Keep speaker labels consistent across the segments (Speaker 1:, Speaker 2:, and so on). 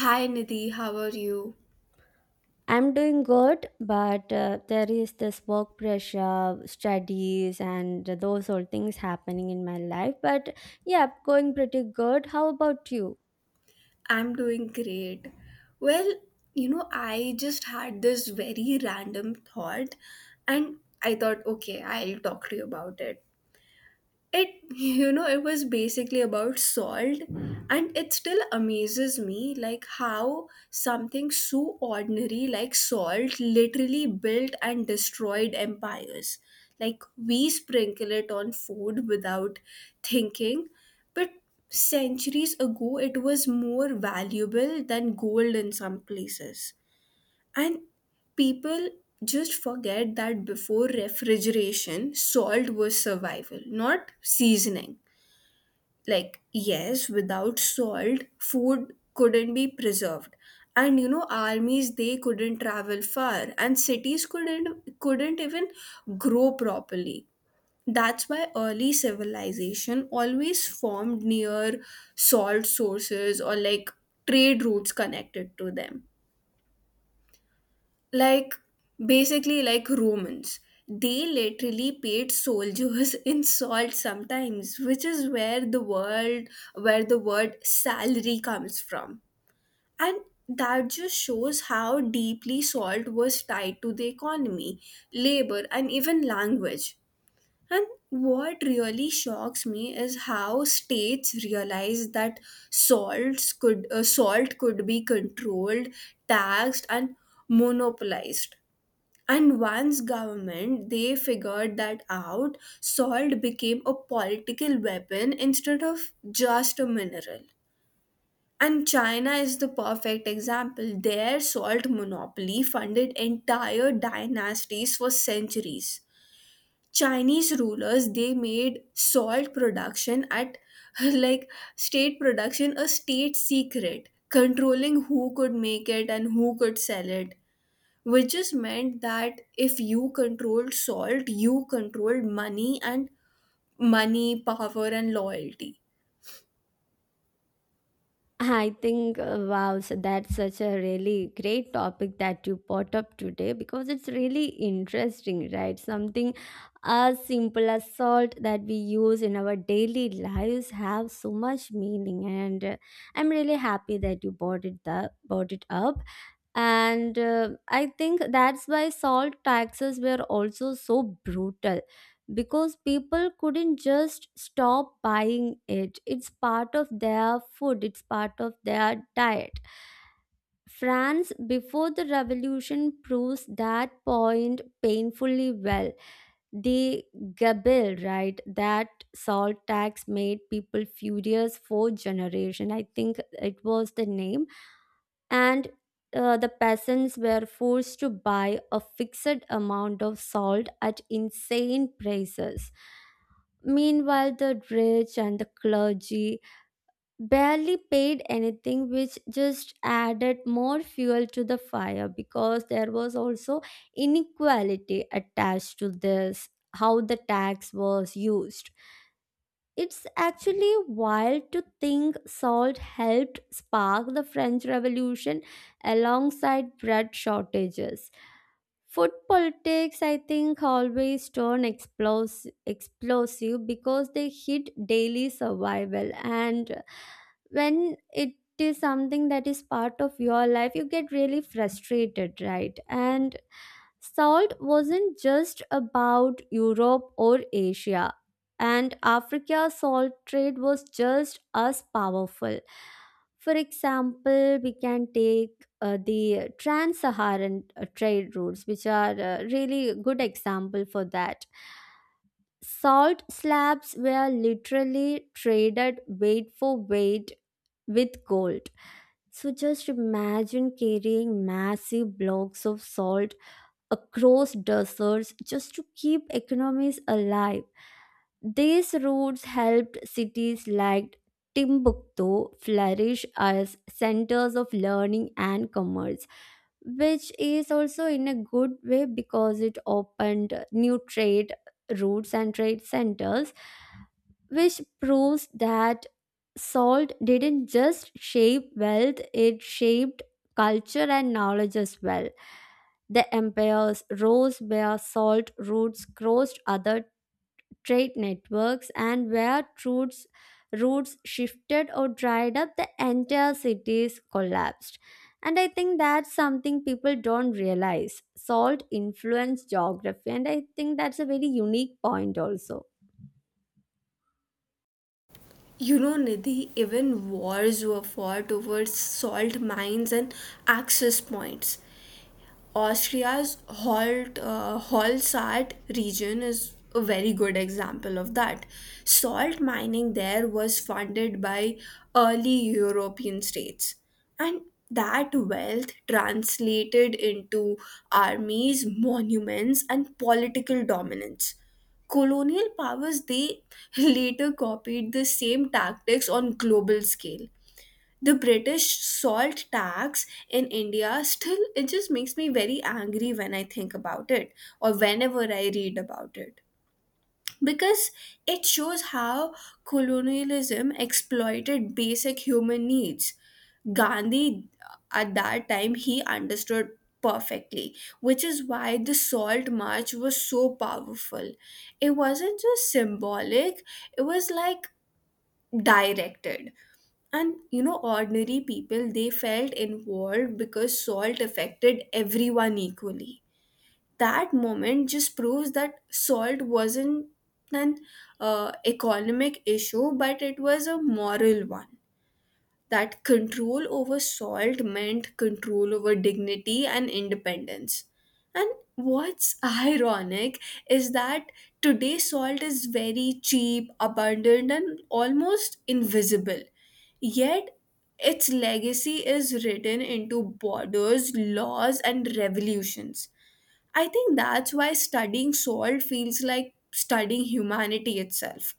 Speaker 1: Hi Nidhi, how are you?
Speaker 2: I'm doing good, but there is this work pressure, studies, and those old things happening in my life. But yeah, going pretty good. How about you?
Speaker 1: I'm doing great. Well, you know, I just had this very random thought and I thought, okay, I'll talk to you about it. It you know it was basically about salt, and it still amazes me like how something so ordinary like salt literally built and destroyed empires. Like, we sprinkle it on food without thinking, but centuries ago it was more valuable than gold in some places, and people just forget that before refrigeration, salt was survival, not seasoning. Like, yes, without salt, food couldn't be preserved. And you know, armies they couldn't travel far, and cities couldn't even grow properly. That's why early civilization always formed near salt sources, or like trade routes connected to them, like basically like Romans, they literally paid soldiers in salt sometimes, which is where the word salary comes from. And that just shows how deeply salt was tied to the economy, labor, and even language. And what really shocks me is how states realized that salt could be controlled, taxed, and monopolized. And once government they figured that out, salt became a political weapon instead of just a mineral. And China is the perfect example. Their salt monopoly funded entire dynasties for centuries. Chinese rulers they made salt production at like state production a state secret, controlling who could make it and who could sell it, which just meant that if you controlled salt, you controlled money and money, power, and loyalty.
Speaker 2: I think, wow, so that's such a really great topic that you brought up today because it's really interesting, right? Something as simple as salt that we use in our daily lives have so much meaning, and I'm really happy that you brought it up, brought it up. And I think that's why salt taxes were also so brutal because people couldn't just stop buying it. It's part of their food, it's part of their diet. France, before the revolution, proves that point painfully well. The Gabelle, right, that salt tax made people furious for generation. I think it was the name. And the peasants were forced to buy a fixed amount of salt at insane prices. Meanwhile, the rich and the clergy barely paid anything, which just added more fuel to the fire because there was also inequality attached to this, how the tax was used. It's actually wild to think salt helped spark the French Revolution alongside bread shortages. Food politics, I think, always turn explosive because they hit daily survival. And when it is something that is part of your life, you get really frustrated, right? And salt wasn't just about Europe or Asia, and Africa's salt trade was just as powerful. For example, we can take the trans-Saharan trade routes, which are really good example for that. Salt slabs were literally traded weight for weight with gold. So just imagine carrying massive blocks of salt across deserts just to keep economies alive. These routes helped cities like Timbuktu flourish as centers of learning and commerce, which is also in a good way because it opened new trade routes and trade centers, which proves that salt didn't just shape wealth, it shaped culture and knowledge as well. The empires rose where salt routes crossed other trade networks, and where routes shifted or dried up, the entire cities collapsed. And I think that's something people don't realize. Salt influenced geography, and I think that's a very unique point also.
Speaker 1: You know, Nidhi, even wars were fought over salt mines and access points. Austria's Holzart region is a very good example of that. Salt mining there was funded by early European states, and that wealth translated into armies, monuments, and political dominance. Colonial powers they later copied the same tactics on global scale. The British salt tax in India still, it just makes me very angry when I think about it or whenever I read about it. Because it shows how colonialism exploited basic human needs. Gandhi, at that time, he understood perfectly, which is why the salt march was so powerful. It wasn't just symbolic, it was like directed, and you know, ordinary people, they felt involved because salt affected everyone equally. That moment just proves that salt wasn't an economic issue, but it was a moral one, that control over salt meant control over dignity and independence. And what's ironic is that today salt is very cheap, abundant, and almost invisible. Yet its legacy is written into borders, laws, and revolutions. I think that's why studying salt feels like studying humanity itself.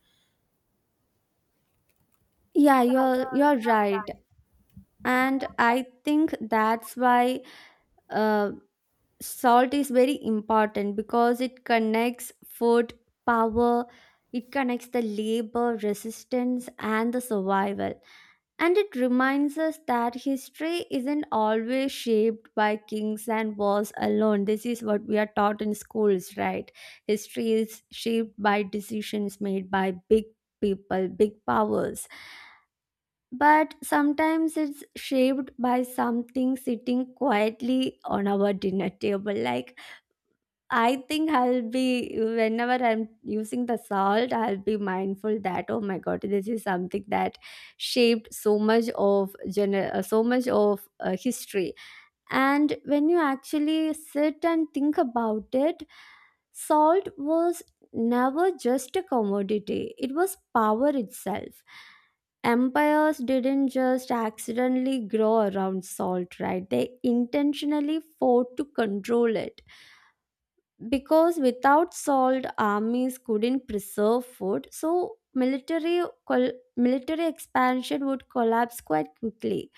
Speaker 2: Yeah, you're right. And I think that's why uh, salt is very important because it connects food, power. It connects the labor, resistance, and the survival, and it reminds us that history isn't always shaped by kings and wars alone. This is what we are taught in schools, right? History is shaped by decisions made by big people, big powers, but sometimes it's shaped by something sitting quietly on our dinner table. Like, I think I'll be, whenever I'm using the salt, I'll be mindful that, oh my god, this is something that shaped so much of so much of history. And when you actually sit and think about it, salt was never just a commodity; it was power itself. Empires didn't just accidentally grow around salt, right? They intentionally fought to control it because without salt armies couldn't preserve food, so military military expansion would collapse quite quickly.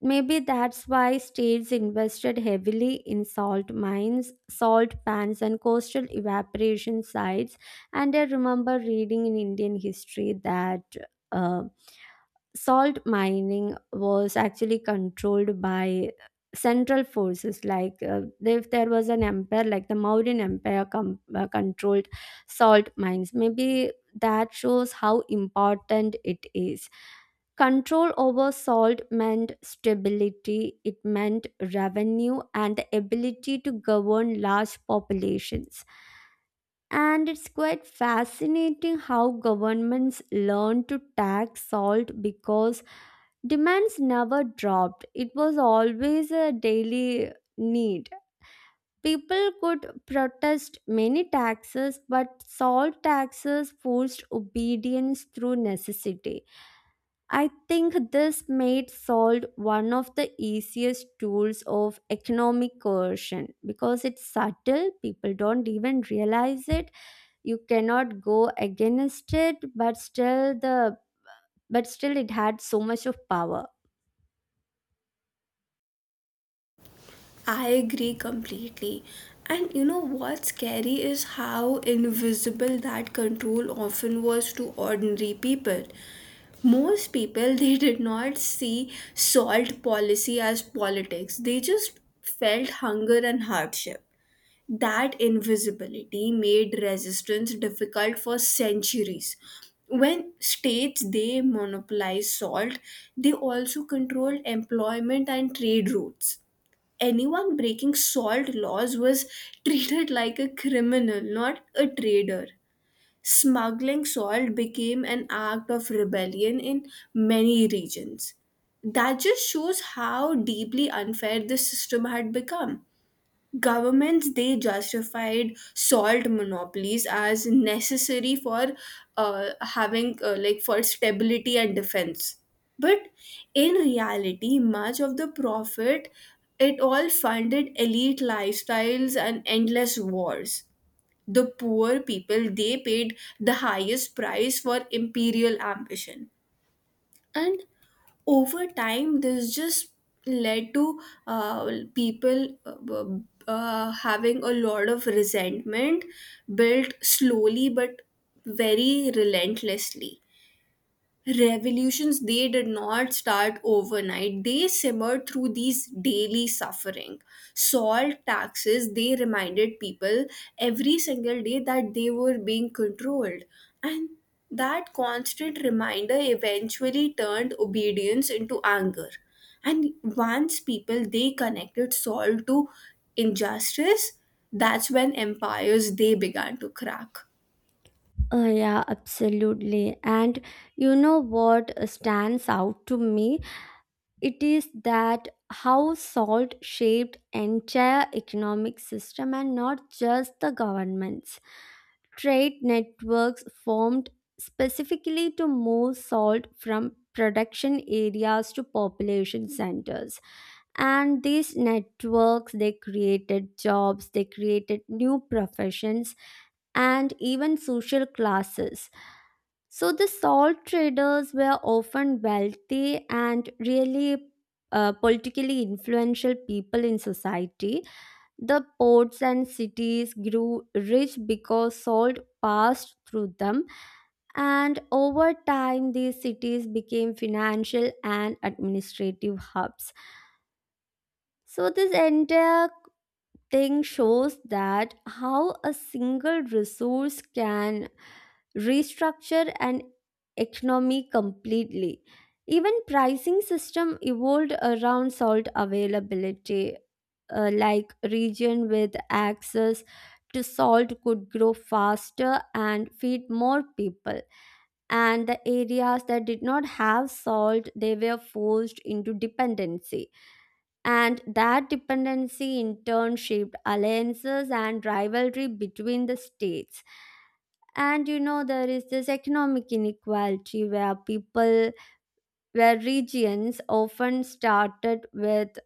Speaker 2: Maybe that's why states invested heavily in salt mines, salt pans, and coastal evaporation sites. And I remember reading in Indian history that uh, salt mining was actually controlled by central forces. Like, if there was an empire like the Mauryan empire controlled salt mines, maybe that shows how important it is. Control over salt meant stability, it meant revenue and the ability to govern large populations. And it's quite fascinating how governments learn to tax salt because demands never dropped. It was always a daily need. People could protest many taxes, but salt taxes forced obedience through necessity. I think this made salt one of the easiest tools of economic coercion because it's subtle, people don't even realize it. You cannot go against it, but still it had so much of power.
Speaker 1: I agree completely. And you know what's scary is how invisible that control often was to ordinary people. Most people they did not see salt policy as politics. They just felt hunger and hardship. That invisibility made resistance difficult for centuries. When states they monopolize salt, they also controlled employment and trade routes. Anyone breaking salt laws was treated like a criminal, not a trader. Smuggling salt became an act of rebellion in many regions. That just shows how deeply unfair this system had become. Governments they justified salt monopolies as necessary for having like for stability and defense, but in reality much of the profit, it all funded elite lifestyles and endless wars. The poor people they paid the highest price for imperial ambition. And over time this just led to uh, people having a lot of resentment, built slowly but very relentlessly. Revolutions they did not start overnight, they simmered through these daily suffering. Salt taxes they reminded people every single day that they were being controlled, and that constant reminder eventually turned obedience into anger. And once people they connected salt to injustice, that's when empires they began to crack.
Speaker 2: Yeah, absolutely. And you know what stands out to me, it is that how salt shaped entire economic system and not just the governments. Trade networks formed specifically to move salt from production areas to population centers, and these networks, they created jobs, they created new professions and even social classes. So the salt traders were often wealthy and really politically influential people in society. The ports and cities grew rich because salt passed through them, and over time these cities became financial and administrative hubs. So this entire thing shows that how a single resource can restructure an economy completely. Even pricing system evolved around salt availability. Like region with access to salt could grow faster and feed more people, and the areas that did not have salt, they were forced into dependency, and that dependency in turn shaped alliances and rivalry between the states. And you know, there is this economic inequality where people, where regions often started with,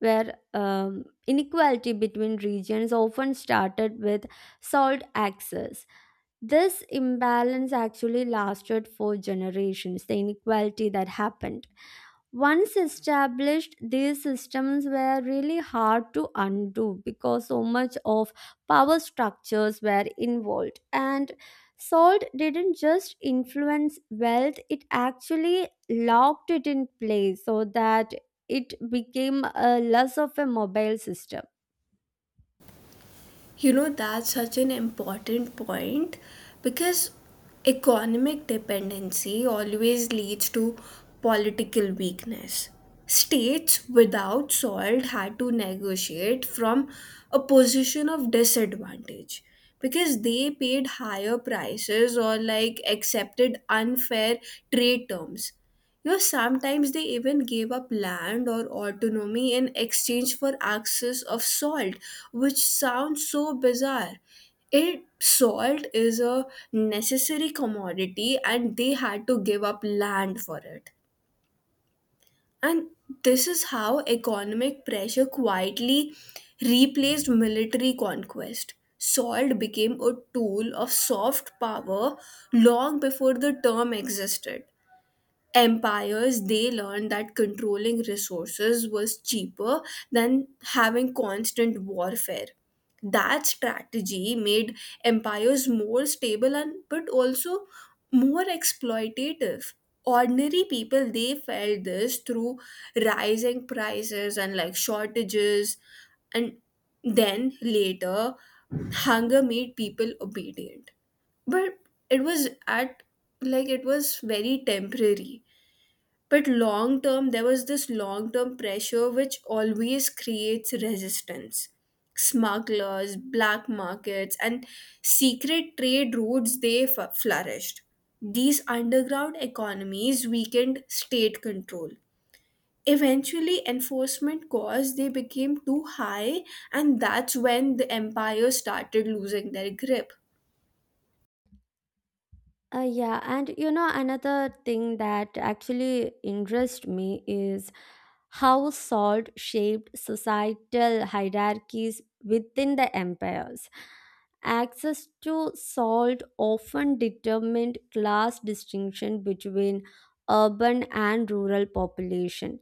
Speaker 2: where inequality between regions often started with salt access. This imbalance actually lasted for generations, the inequality that happened. Once established, these systems were really hard to undo because so much of power structures were involved. And salt didn't just influence wealth, it actually locked it in place so that it became a less of a mobile system.
Speaker 1: You know, that's such an important point because economic dependency always leads to political weakness. States without salt had to negotiate from a position of disadvantage because they paid higher prices or like accepted unfair trade terms. You know, sometimes they even gave up land or autonomy in exchange for access of salt, which sounds so bizarre. It salt is a necessary commodity and they had to give up land for it. And this is how economic pressure quietly replaced military conquest. Salt became a tool of soft power long before the term existed. Empires they learned that controlling resources was cheaper than having constant warfare. That strategy made empires more stable and but also more exploitative. Ordinary people they felt this through rising prices and like shortages, and then later hunger made people obedient. But it was at like it was very temporary, but long term there was this long term pressure which always creates resistance. Smugglers, black markets, and secret trade routes they flourished. These underground economies weakened state control. Eventually enforcement costs they became too high, and that's when the empire started losing their grip.
Speaker 2: Yeah, and you know, another thing that actually interests me is how salt shaped societal hierarchies within the empires. Access to salt often determined class distinction between urban and rural population.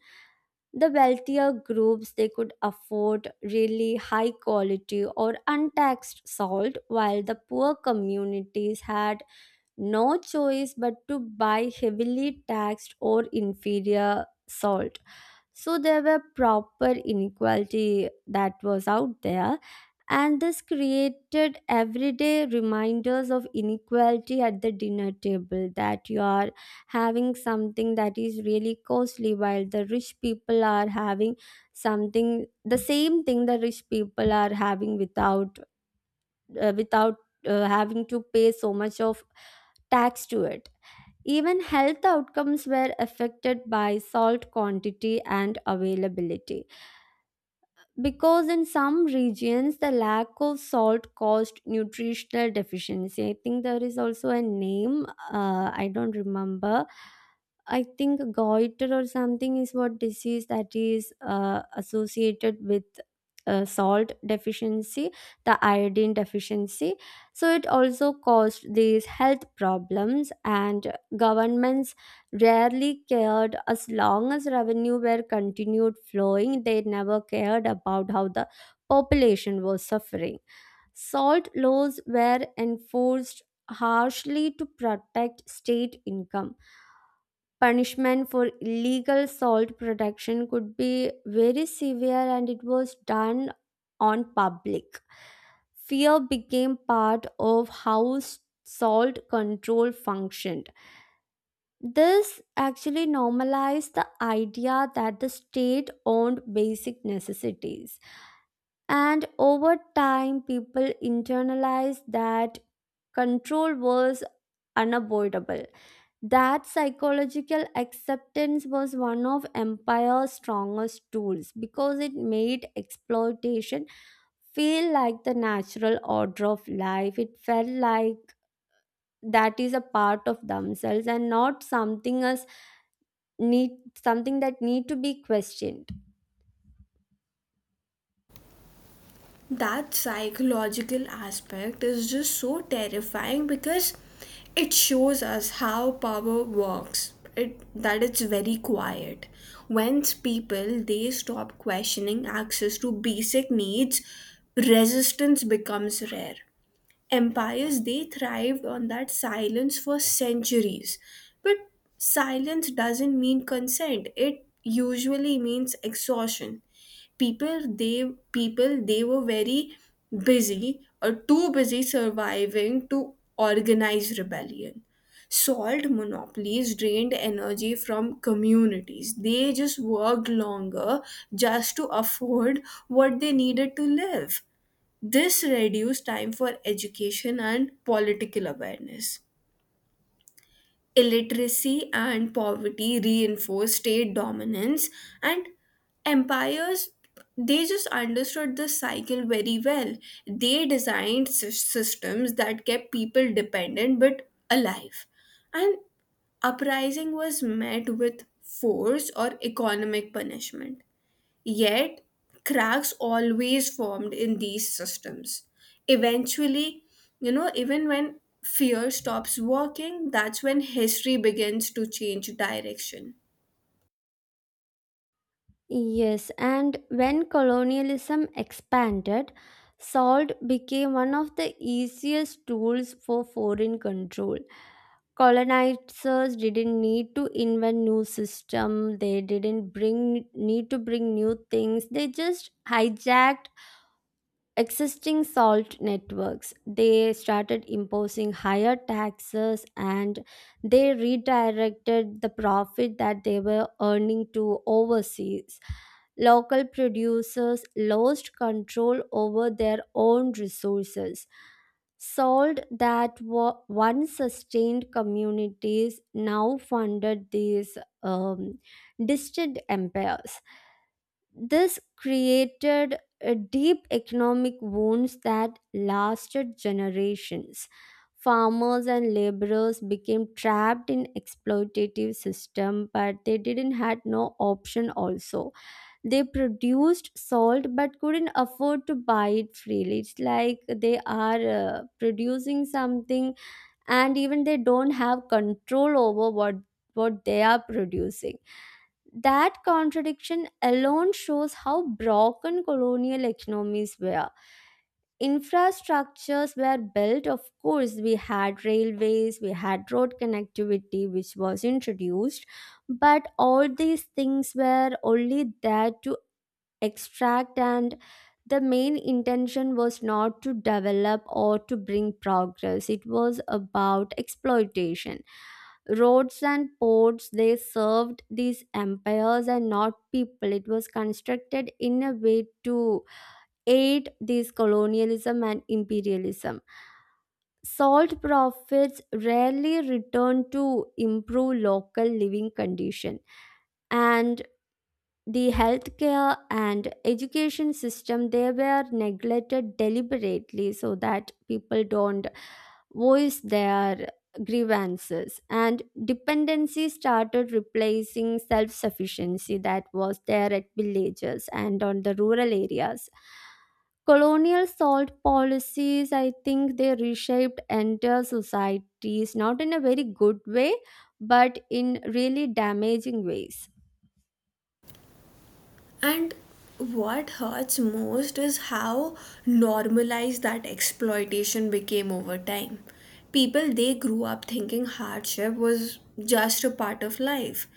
Speaker 2: The wealthier groups, they could afford really high quality or untaxed salt, while the poor communities had no choice but to buy heavily taxed or inferior salt. So there were proper inequality that was out there, and this created everyday reminders of inequality at the dinner table, that you are having something that is really costly while the rich people are having something, the same thing the rich people are having without, uh, without having to pay so much of tax to it. Even health outcomes were affected by salt quantity and availability, because in some regions the lack of salt caused nutritional deficiency. I think there is also a name, I don't remember. I think goiter or something is what disease that is associated with salt deficiency, the iodine deficiency. So it also caused these health problems, and governments rarely cared as long as revenue were continued flowing. They never cared about how the population was suffering. Salt laws were enforced harshly to protect state income. Punishment for illegal salt production could be very severe, and it was done on public. Fear became part of how salt control functioned. This actually normalized the idea that the state owned basic necessities. And over time, people internalized that control was unavoidable. That psychological acceptance was one of empire's strongest tools because it made exploitation feel like the natural order of life. It felt like that is a part of themselves and not something as need, something that need to be questioned.
Speaker 1: That psychological aspect is just so terrifying because it shows us how power works, it that it's very quiet. Once people they stop questioning access to basic needs, resistance becomes rare. Empires they thrived on that silence for centuries, but silence doesn't mean consent, it usually means exhaustion. People they were very busy or too busy surviving to organize rebellion. Salt monopolies drained energy from communities, they just worked longer just to afford what they needed to live. This reduced time for education and political awareness. Illiteracy and poverty reinforced state dominance, and empires they just understood the cycle very well. They designed systems that kept people dependent but alive. And uprising was met with force or economic punishment. Yet, cracks always formed in these systems. Eventually, you know, even when fear stops working, that's when history begins to change direction.
Speaker 2: Yes, and when colonialism expanded, salt became one of the easiest tools for foreign control. Colonizers didn't need to invent new system, they didn't bring need to bring new things, they just hijacked existing salt networks. They started imposing higher taxes and they redirected the profit that they were earning to overseas. Local producers lost control over their own resources. Salt that were once sustained communities now funded these distant empires. This created a deep economic wounds that lasted generations. Farmers and laborers became trapped in exploitative system, but they didn't had no option also. They produced salt but couldn't afford to buy it freely. It's like they are producing something, and even they don't have control over what they are producing. That contradiction alone shows how broken colonial economies were. Infrastructures were built, of course. We had railways, we had road connectivity, which was introduced, but all these things were only there to extract, and the main intention was not to develop or to bring progress, it was about exploitation. Roads and ports, they served these empires and not people. It was constructed in a way to aid these colonialism and imperialism. Salt profits rarely return to improve local living condition, and the healthcare and education system, they were neglected deliberately so that people don't voice their grievances, and dependency started replacing self-sufficiency that was there at villages and on the rural areas. Colonial salt policies, I think, they reshaped entire societies, not in a very good way, but in really damaging ways.
Speaker 1: And what hurts most is how normalized that exploitation became over time. People they grew up thinking hardship was just a part of life.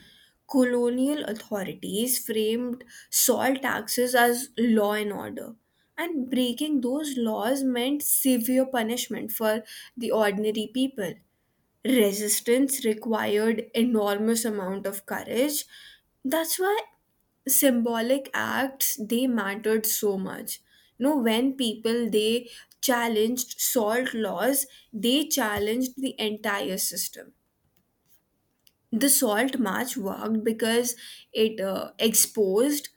Speaker 1: Colonial authorities framed salt taxes as law and order, and breaking those laws meant severe punishment for the ordinary people. Resistance required enormous amount of courage. That's why symbolic acts they mattered so much. You know when people they challenged salt laws, they challenged the entire system. The salt march worked because it exposed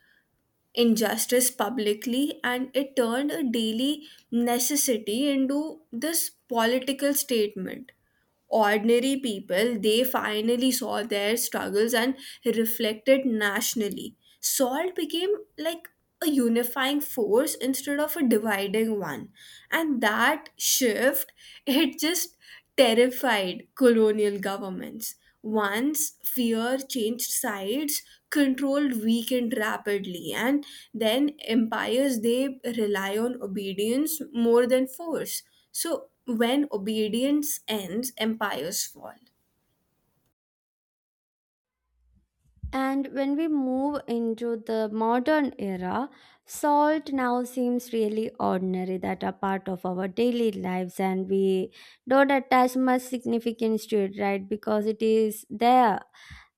Speaker 1: injustice publicly, and it turned a daily necessity into this political statement. Ordinary people they finally saw their struggles and reflected nationally. Salt became like a unifying force instead of a dividing one, and that shift it just terrified colonial governments. Once fear changed sides, control weakened rapidly, and then empires they rely on obedience more than force. So, when obedience ends, empires fall.
Speaker 2: And when we move into the modern era, salt now seems really ordinary, that a part of our daily lives and we don't attach much significance to it, right? Because it is there.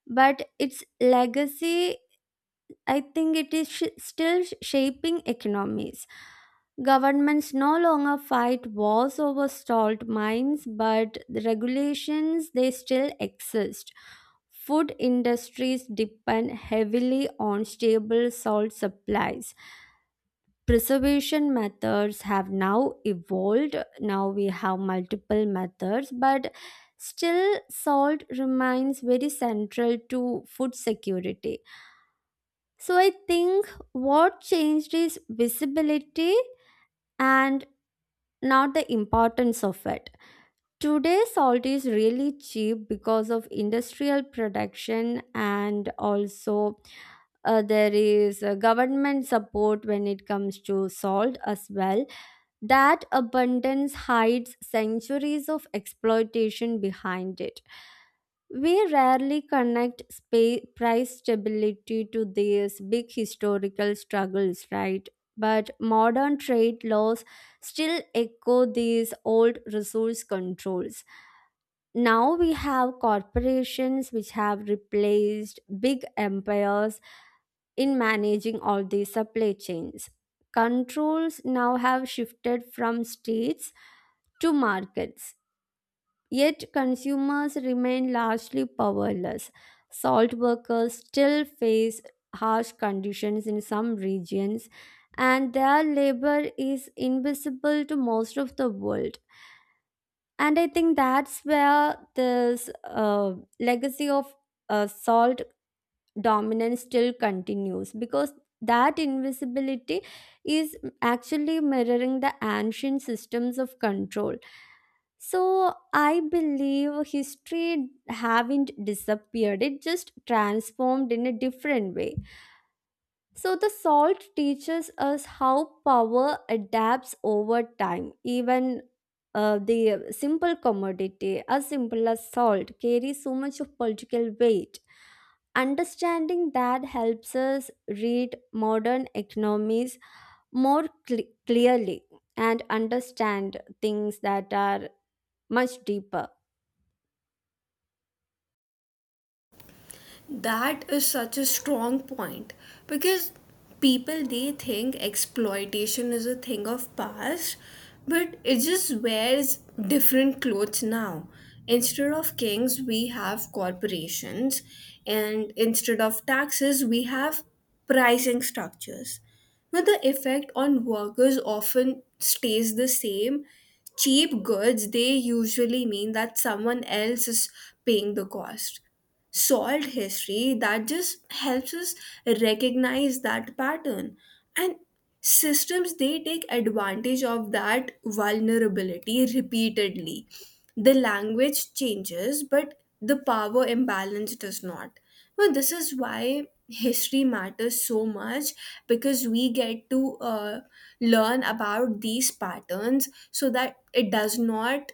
Speaker 2: But its legacy, I think it is shaping economies. Governments no longer fight wars over salt mines, but the regulations they still exist. Food industries depend heavily on stable salt supplies. Preservation methods have now evolved. Now we have multiple methods, but still salt remains very central to food security. So I think what changed is visibility and not the importance of it. Today, salt is really cheap because of industrial production, and also there is government support when it comes to salt as well. That abundance hides centuries of exploitation behind it. We rarely connect price stability to these big historical struggles, right? But modern trade laws still echo these old resource controls. Now we have corporations which have replaced big empires in managing all these supply chains. Controls now have shifted from states to markets, yet consumers remain largely powerless. Salt workers still face harsh conditions in some regions, and their labor is invisible to most of the world. And I think that's where this uh, legacy of salt dominance still continues, because that invisibility is actually mirroring the ancient systems of control. So I believe history haven't disappeared, it just transformed in a different way. So, the salt teaches us how power adapts over time. Even the simple commodity, as simple as salt, carries so much of political weight. Understanding that helps us read modern economies more clearly and understand things that are much deeper.
Speaker 1: That is such a strong point because people they think exploitation is a thing of past, but it just wears different clothes now. Instead of kings, we have corporations, and instead of taxes, we have pricing structures. Now, the effect on workers often stays the same. Cheap goods, they usually mean that someone else is paying the cost. Solved history that just helps us recognize that pattern, and systems they take advantage of that vulnerability repeatedly. The language changes but the power imbalance does not. Well this is why history matters so much, because we get to learn about these patterns so that it does not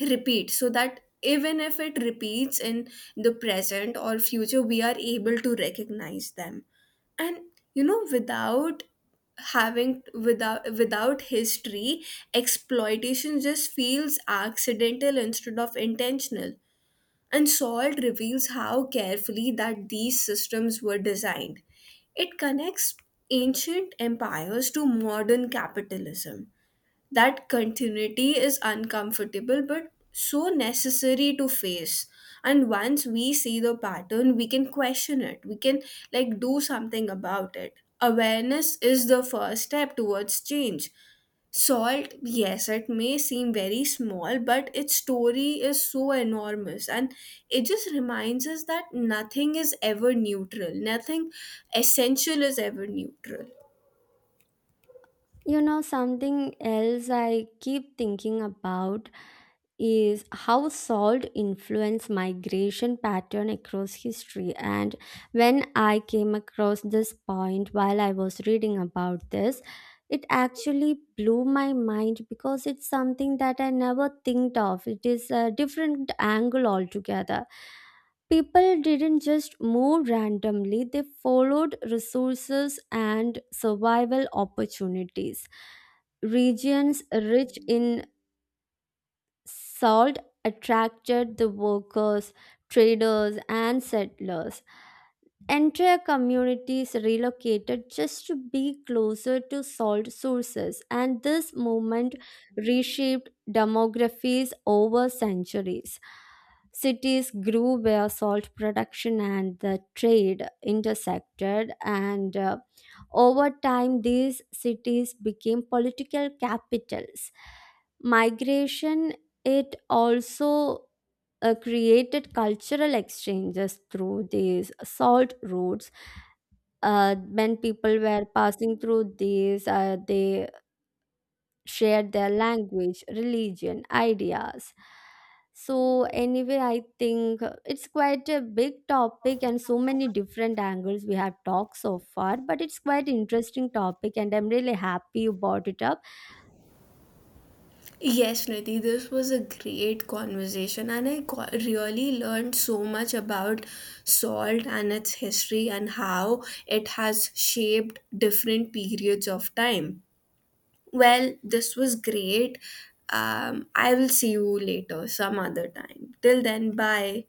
Speaker 1: repeat, so that even if it repeats in the present or future we are able to recognize them. And you know, without having without without history, exploitation just feels accidental instead of intentional. And salt reveals how carefully that these systems were designed. It connects ancient empires to modern capitalism. That continuity is uncomfortable but so necessary to face. And once we see the pattern we can question it, we can like do something about it. Awareness is the first step towards change. Salt, yes it may seem very small, but its story is so enormous, and it just reminds us that nothing is ever neutral, nothing essential is ever neutral.
Speaker 2: You know, something else I keep thinking about is how salt influence migration pattern across history, and when I came across this point while I was reading about this, it actually blew my mind because it's something that I never think of. It is a different angle altogether. People didn't just move randomly, they followed resources and survival opportunities. Regions rich in salt attracted the workers, traders, and settlers. Entire communities relocated just to be closer to salt sources, and this movement reshaped demographies over centuries. Cities grew where salt production and the trade intersected, and over time, these cities became political capitals. Migration, it also created cultural exchanges through these salt routes. When people were passing through these, they shared their language, religion, ideas. So, anyway, I think it's quite a big topic and so many different angles we have talked so far, but it's quite interesting topic and I'm really happy you brought it up.
Speaker 1: Yes, Nidhi, this was a great conversation, and I really learned so much about salt and its history and how it has shaped different periods of time. Well, this was great. I will see you later, some other time. Till then, bye.